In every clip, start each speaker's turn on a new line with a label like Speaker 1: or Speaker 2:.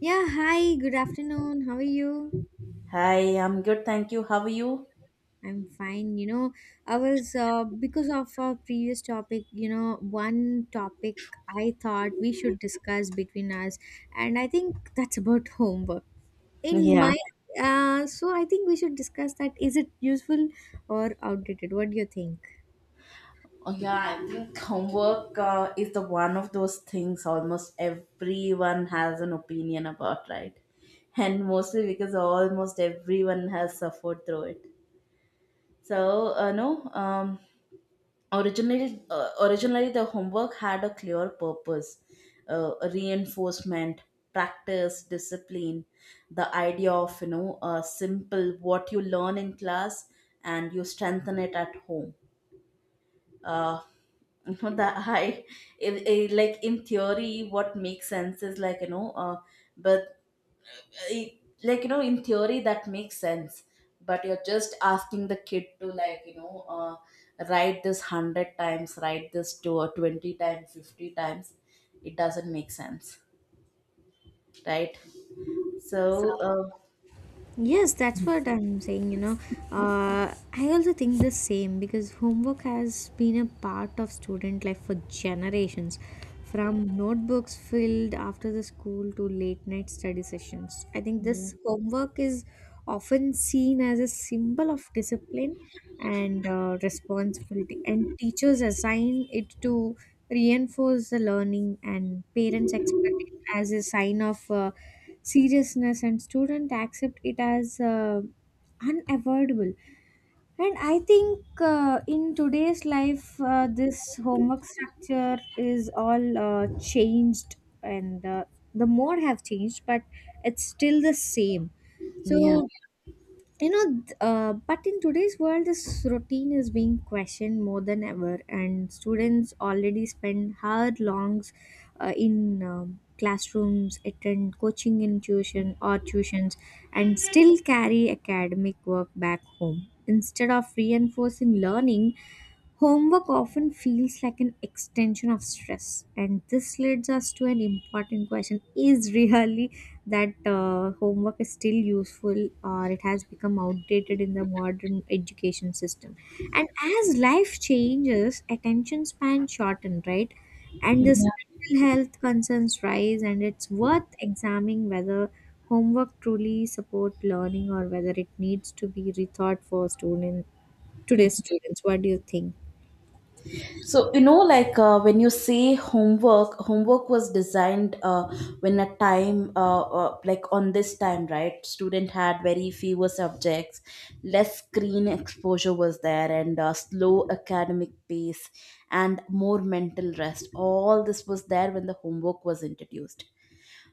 Speaker 1: Yeah, hi, good afternoon. How are you?
Speaker 2: Hi, I'm good, thank you. How are you?
Speaker 1: I'm fine. Because of our previous topic, one topic I thought we should discuss between us, and I think that's about homework. In
Speaker 2: Yeah.
Speaker 1: my, so I think we should discuss that. Is it useful or outdated? What do you think?
Speaker 2: Oh yeah, I think homework is the one of those things almost everyone has an opinion about, right? And mostly because almost everyone has suffered through it. So, no, originally the homework had a clear purpose: reinforcement, practice, discipline, the idea of simple what you learn in class and you strengthen it at home. Uh, you know that I like in theory what makes sense is like but like in theory that makes sense, but you're just asking the kid to like write this 100 times, write this to 20 times, 50 times. It doesn't make sense, right? so uh,
Speaker 1: Yes, that's what I'm saying, I also think the same because homework has been a part of student life for generations, from notebooks filled after the school to late night study sessions. I think this homework is often seen as a symbol of discipline and responsibility, and teachers assign it to reinforce the learning, and parents expect it as a sign of. Seriousness, and student accept it as unavoidable. And I think in today's life this homework structure is all changed, and the more have changed, but it's still the same. So
Speaker 2: yeah
Speaker 1: but in today's world this routine is being questioned more than ever, and students already spend hour longs in classrooms, attend coaching in tuition or tuitions, and still carry academic work back home. Instead of reinforcing learning, homework often feels like an extension of stress, and this leads us to an important question: is really that homework is still useful, or it has become outdated in the modern education system? And as life changes, attention span shorten, right? And this
Speaker 2: Mm-hmm.
Speaker 1: mental health concerns rise, and it's worth examining whether homework truly support learning or whether it needs to be rethought for student today's students. What do you think?
Speaker 2: So like when you say homework, homework was designed when a time, like on this time, right? Student had very fewer subjects, less screen exposure was there, and slow academic pace, and more mental rest. All this was there when the homework was introduced,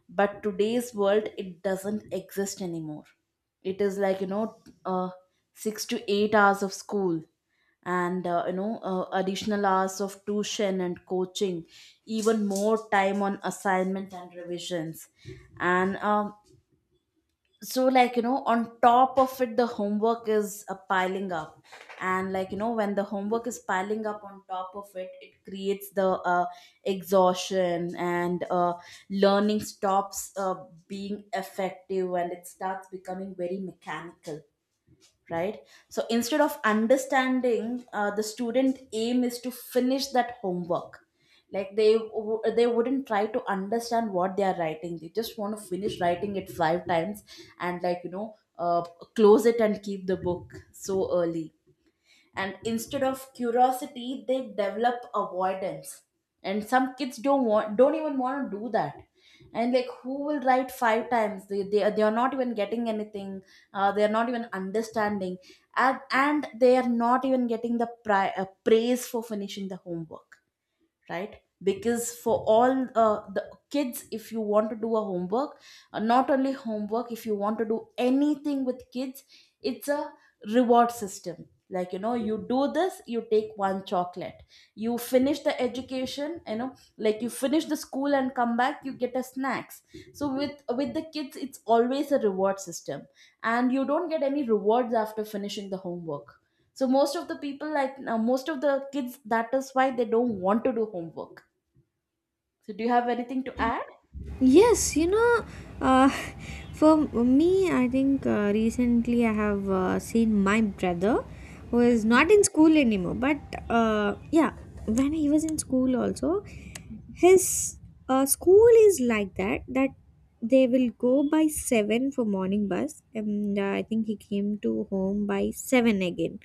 Speaker 2: but today's world it doesn't exist anymore. It is like 6 to 8 hours of school, and additional hours of tuition and coaching, even more time on assignment and revisions. And, so like on top of it, the homework is piling up. And like when the homework is piling up on top of it, it creates the exhaustion, and learning stops being effective, and it starts becoming very mechanical, right? So instead of understanding, the student aim is to finish that homework. Like they wouldn't try to understand what they are writing, they just want to finish writing it five times and like close it and keep the book so early. And instead of curiosity they develop avoidance, and some kids don't want, don't even want to do that. And like, who will write five times? They are not even getting anything, they are not even understanding, and they are not even getting the praise for finishing the homework, right? Because for all the kids, if you want to do a homework, not only homework, if you want to do anything with kids, it's a reward system. Like you do this, you take one chocolate. You finish the education, like you finish the school and come back, you get a snacks. So with the kids it's always a reward system, and you don't get any rewards after finishing the homework. So most of the people, like most of the kids, that is why they don't want to do homework. So do you have anything to add?
Speaker 1: Yes, you know, uh, for me, I think recently I have seen my brother who is not in school anymore. But yeah, when he was in school also, his school is like that, that they will go by 7 for morning bus, and I think he came to home by 7 again.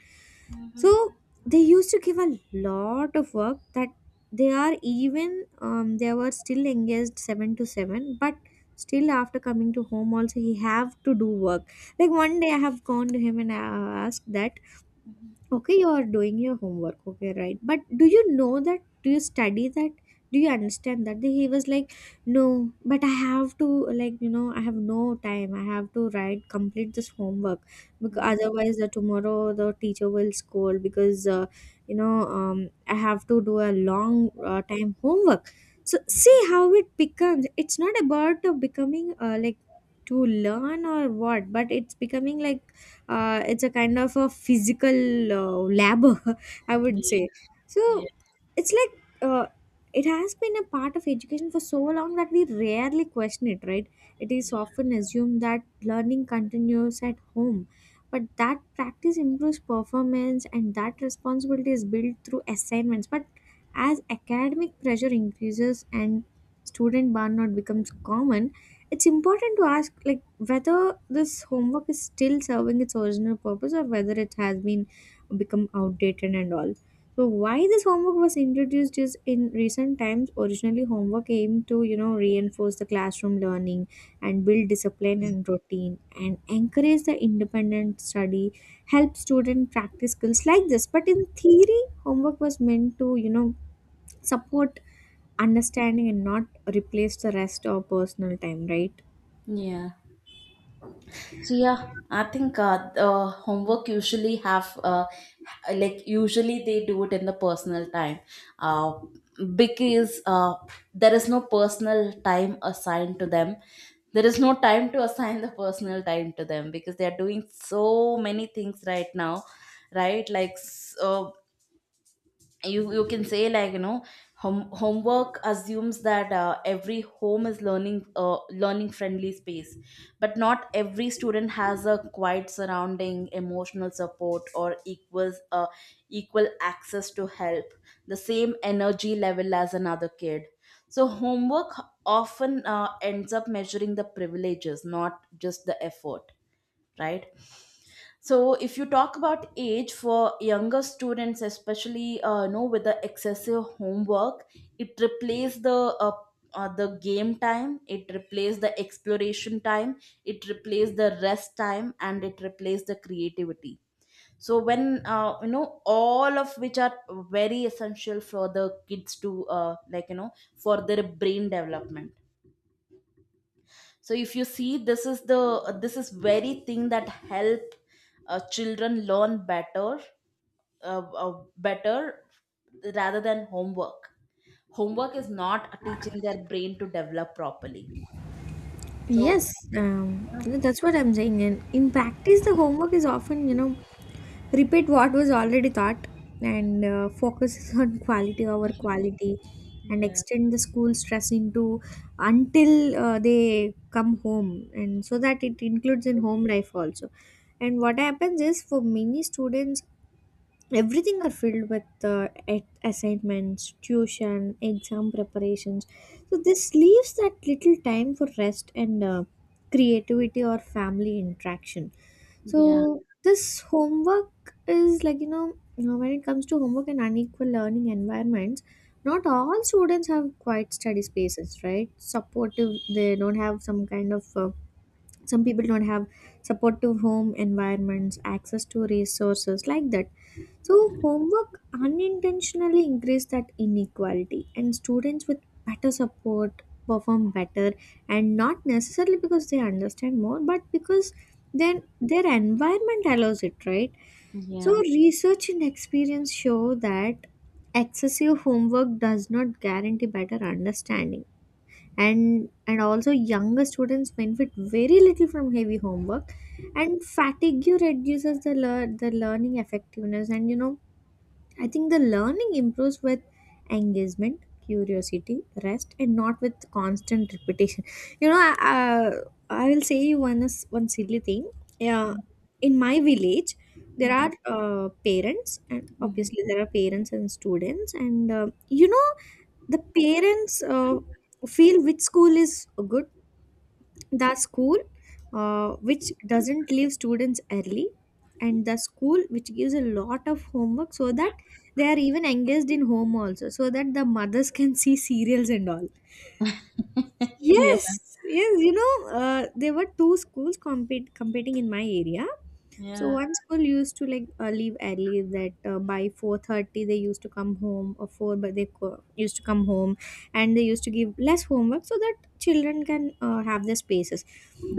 Speaker 2: Mhm.
Speaker 1: So they used to give a lot of work that they are even they were still engaged 7 to 7, but still after coming to home also he have to do work. Like one day I have gone to him and I asked that, okay, you are doing your homework. Okay, right. But do you know that? Do you study that? Do you understand that? Then he was like, no, but I have to, like, you know, I have no time. I have to write, complete this homework. Because
Speaker 2: Mm.
Speaker 1: otherwise, the tomorrow the teacher will scold because, you know, I have to do a long time homework. So, see how it becomes. It's not about becoming, like, to learn or what, but it's becoming like it's a kind of a physical lab, I would
Speaker 2: Yeah,
Speaker 1: say. So
Speaker 2: yeah,
Speaker 1: it's like uh, it has been a part of education for so long that we rarely question it, right? It is often assumed that learning continues at home, but that practice improves performance, and that responsibility is built through assignments. But as academic pressure increases and student burnout becomes common, it's important to ask like whether this homework is still serving its original purpose or whether it has been become outdated and all. So why this homework was introduced is in recent times. Originally homework aimed to, you know, reinforce the classroom learning and build discipline and routine and encourage the independent study, help student practice skills like this. But in theory homework was meant to, you know, support understanding and not replace the rest of personal time, right?
Speaker 2: yeah. So yeah, I think homework usually have like usually they do it in the personal time, uh because there is no personal time assigned to them. There is no time to assign the personal time to them because they are doing so many things right now, right? Like so, you can say like homework assumes that every home is learning friendly space. But not every student has a quiet surrounding, emotional support, or equal access to help, the same energy level as another kid. So homework often ends up measuring the privileges, not just the effort, right? So if you talk about age for younger students, especially with the excessive homework, it replaces uh, the game time, it replaces the exploration time, it replaces the rest time, and it replaces the creativity. So when all of which are very essential for the kids to like for their brain development. So if you see, this is very thing that help children learn better, rather than homework. Homework is not teaching their brain to develop properly. So
Speaker 1: Yes, that's what I'm saying. And in practice, the homework is often, you know, repeat what was already taught and focuses on quality over quality, and
Speaker 2: yeah.
Speaker 1: extend the school stress into until they come home, and so that it includes in home life also. And what happens is for many students everything are filled with assignments, tuition, exam preparations. So this leaves that little time for rest and creativity or family interaction.
Speaker 2: Yeah,
Speaker 1: So this homework is like, you know, you know, when it comes to homework and unequal learning environments, not all students have quiet study spaces, right? Supportive, they don't have some kind of some people don't have supportive home environments, access to resources like that. So, homework unintentionally increased that inequality, and students with better support perform better, and not necessarily because they understand more, but because then their environment allows it, right? So,
Speaker 2: yeah.
Speaker 1: research and experience show that excessive homework does not guarantee better understanding, and also younger students benefit very little from heavy homework, and fatigue reduces the the learning effectiveness, and you know I think the learning improves with engagement, curiosity, rest, and not with constant repetition. You know, I, I will say you one is one silly thing. Yeah, in my village, there
Speaker 2: Hmm,
Speaker 1: are
Speaker 2: hmm.
Speaker 1: parents and students, and you know the parents feel which school is good: the school which doesn't leave students early, and the school which gives a lot of homework so that they are even engaged in home also, so that the mothers can see serials and all.
Speaker 2: Yeah,
Speaker 1: Yes, yes, you know, there were two schools compete competing in my area. So
Speaker 2: yeah,
Speaker 1: one school used to like leave early that by 4:30 they used to come home or 4, but they used to come home, and they used to give less homework so that children can have their spaces.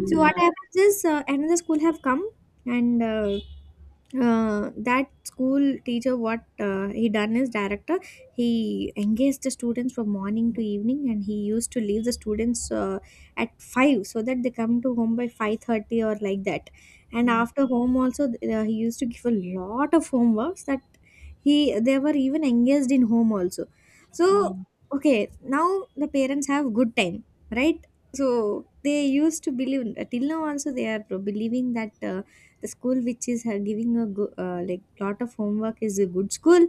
Speaker 1: So what
Speaker 2: yeah.
Speaker 1: happens is another school have come, and that school teacher, what he done is director, he engaged the students from morning to evening, and he used to leave the students at 5 so that they come to home by 5:30 or like that. And
Speaker 2: Mm,
Speaker 1: after home also he used to give a lot of homeworks that he they were even engaged in home also. So
Speaker 2: yeah.
Speaker 1: okay, now the parents have good time, right? So they used to believe, till now also they are believing that the school which is like lot of homework is a good school,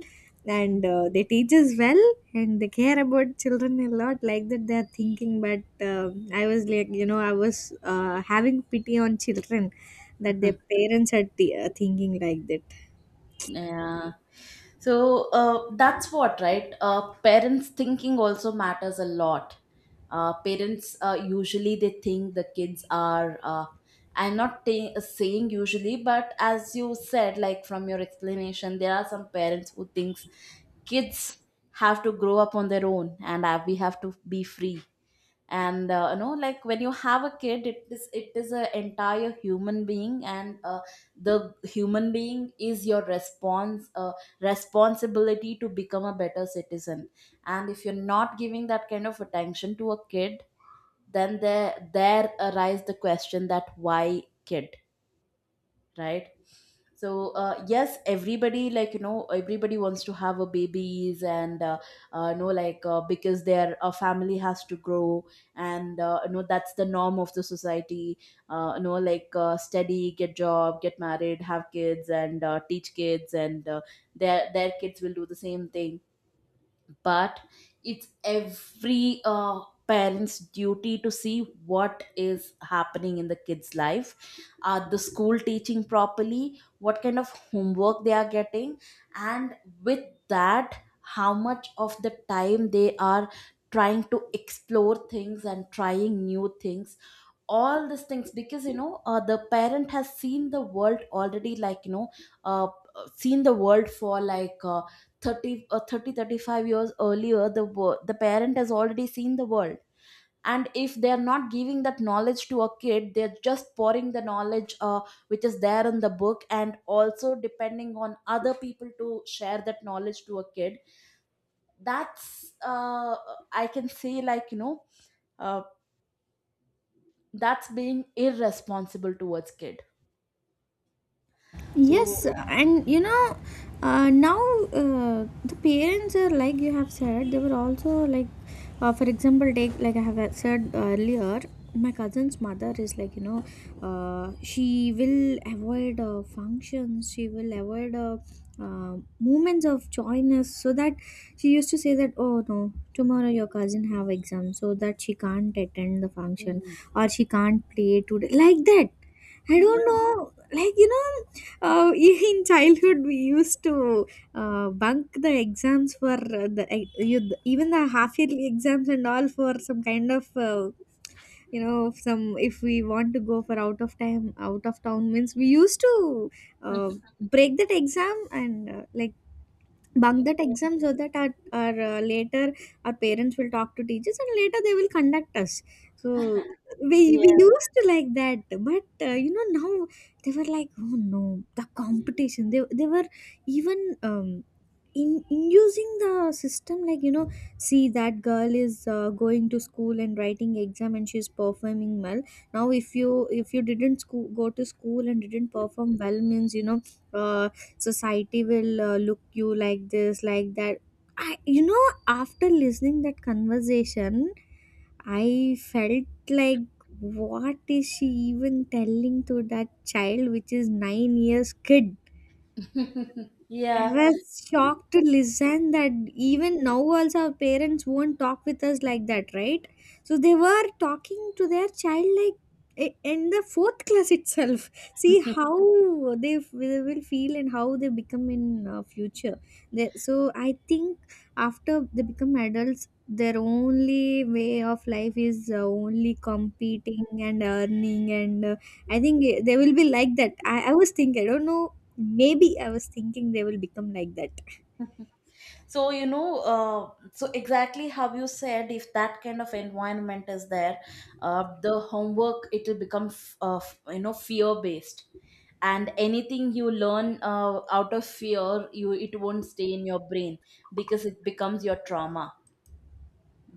Speaker 1: and they teaches well, and they care about children a lot, like that they're thinking. But um I was like, you know, I was having pity on children that their parents are thinking like that.
Speaker 2: Yeah. So, that's what, right? Parents thinking also matters a lot. Parents usually they think the kids are. I'm not saying usually, but as you said, like from your explanation, there are some parents who thinks kids have to grow up on their own, and we have to be free. And like when you have a kid, it is an entire human being, and the human being is your response responsibility to become a better citizen. And if you're not giving that kind of attention to a kid, then there arise the question that why kid, right? So yes, everybody, like everybody wants to have a babies, and like because their family has to grow. And that's the norm of the society. Like study, get job, get married, have kids, and teach kids, and their kids will do the same thing. But it's every parent's duty to see what is happening in the kids life, are the school teaching properly, what kind of homework they are getting, and with that how much of the time they are trying to explore things and trying new things. All these things. Because the parent has seen the world already, like uh, seen the world for like 30 or thirty, five years earlier. The parent has already seen the world. And if they are not giving that knowledge to a kid, they're just pouring the knowledge which is there in the book, and also depending on other people to share that knowledge to a kid. That's I can say like uh, that's being irresponsible towards kid. So,
Speaker 1: Yes, and you know, now the parents are like you have said, they were also like, for example, take like I have said earlier, my cousin's mother is like, you know, she will avoid functions, she will avoid moments of joyness, so that she used to say that, oh no, tomorrow your cousin have exam, so that she can't attend the function
Speaker 2: mm,
Speaker 1: or she can't play today, like that. I
Speaker 2: yeah.
Speaker 1: don't know, like, you know in childhood, we used to bunk the exams for you, even the half yearly exams and all for some kind of you know some. If we want to go for out of time out of town means we used to uh, break that exam and like bunk that exam so that our later our parents will talk to teachers, and later they will conduct us. So we used to like that. But you know now they were like, oh no, the competition, they were even in inducing the system, like you know, see that girl is going to school and writing exam and she's performing well. Now if you, if you didn't school, go to school and didn't perform well means, you know, uh, society will look you like this, like that. I, you know, after listening that conversation, I felt like, what is she even telling to that child which is 9 years kid? I
Speaker 2: Yeah. Yeah.
Speaker 1: was shocked to listen that even now also our parents won't talk with us like that, right? So they were talking to their child like in the fourth class itself. See how they, they will feel and how they become in future. They, so I think after they become adults, their only way of life is only competing and earning, and I think they will be like that. I was thinking, I don't know, maybe I was thinking they will become like that.
Speaker 2: So, so exactly how you said, if that kind of environment is there, the homework, it will become, fear based. And anything you learn out of fear, you it won't stay in your brain because it becomes your trauma,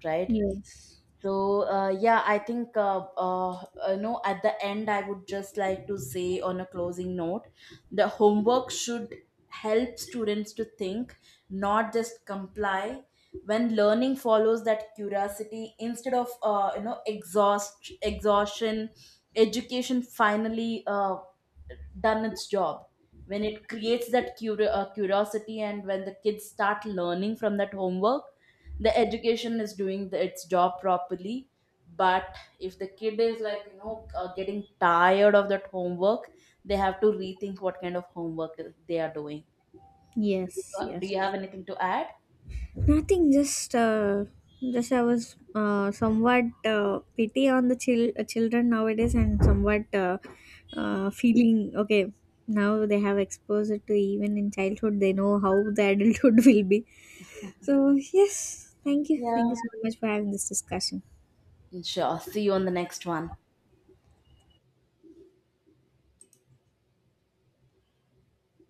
Speaker 2: right?
Speaker 1: Yes.
Speaker 2: So yeah, I think no. At the end, I would just like to say on a closing note, the homework should help students to think, not just comply. When learning follows that curiosity instead of exhaustion, education finally done its job. When it creates that curiosity, and when the kids start learning from that homework, the education is doing the, its job properly. But if the kid is like getting tired of that homework, they have to rethink what kind of homework they are doing.
Speaker 1: Yes.
Speaker 2: Do you have
Speaker 1: Yes.
Speaker 2: anything to add
Speaker 1: Nothing, just I was somewhat pity on the children nowadays, and somewhat feeling okay. Now they have exposure to even in childhood, they know how the adulthood will be. So yes, thank you
Speaker 2: Yeah.
Speaker 1: so much for having this discussion.
Speaker 2: Sure, see you on the next one.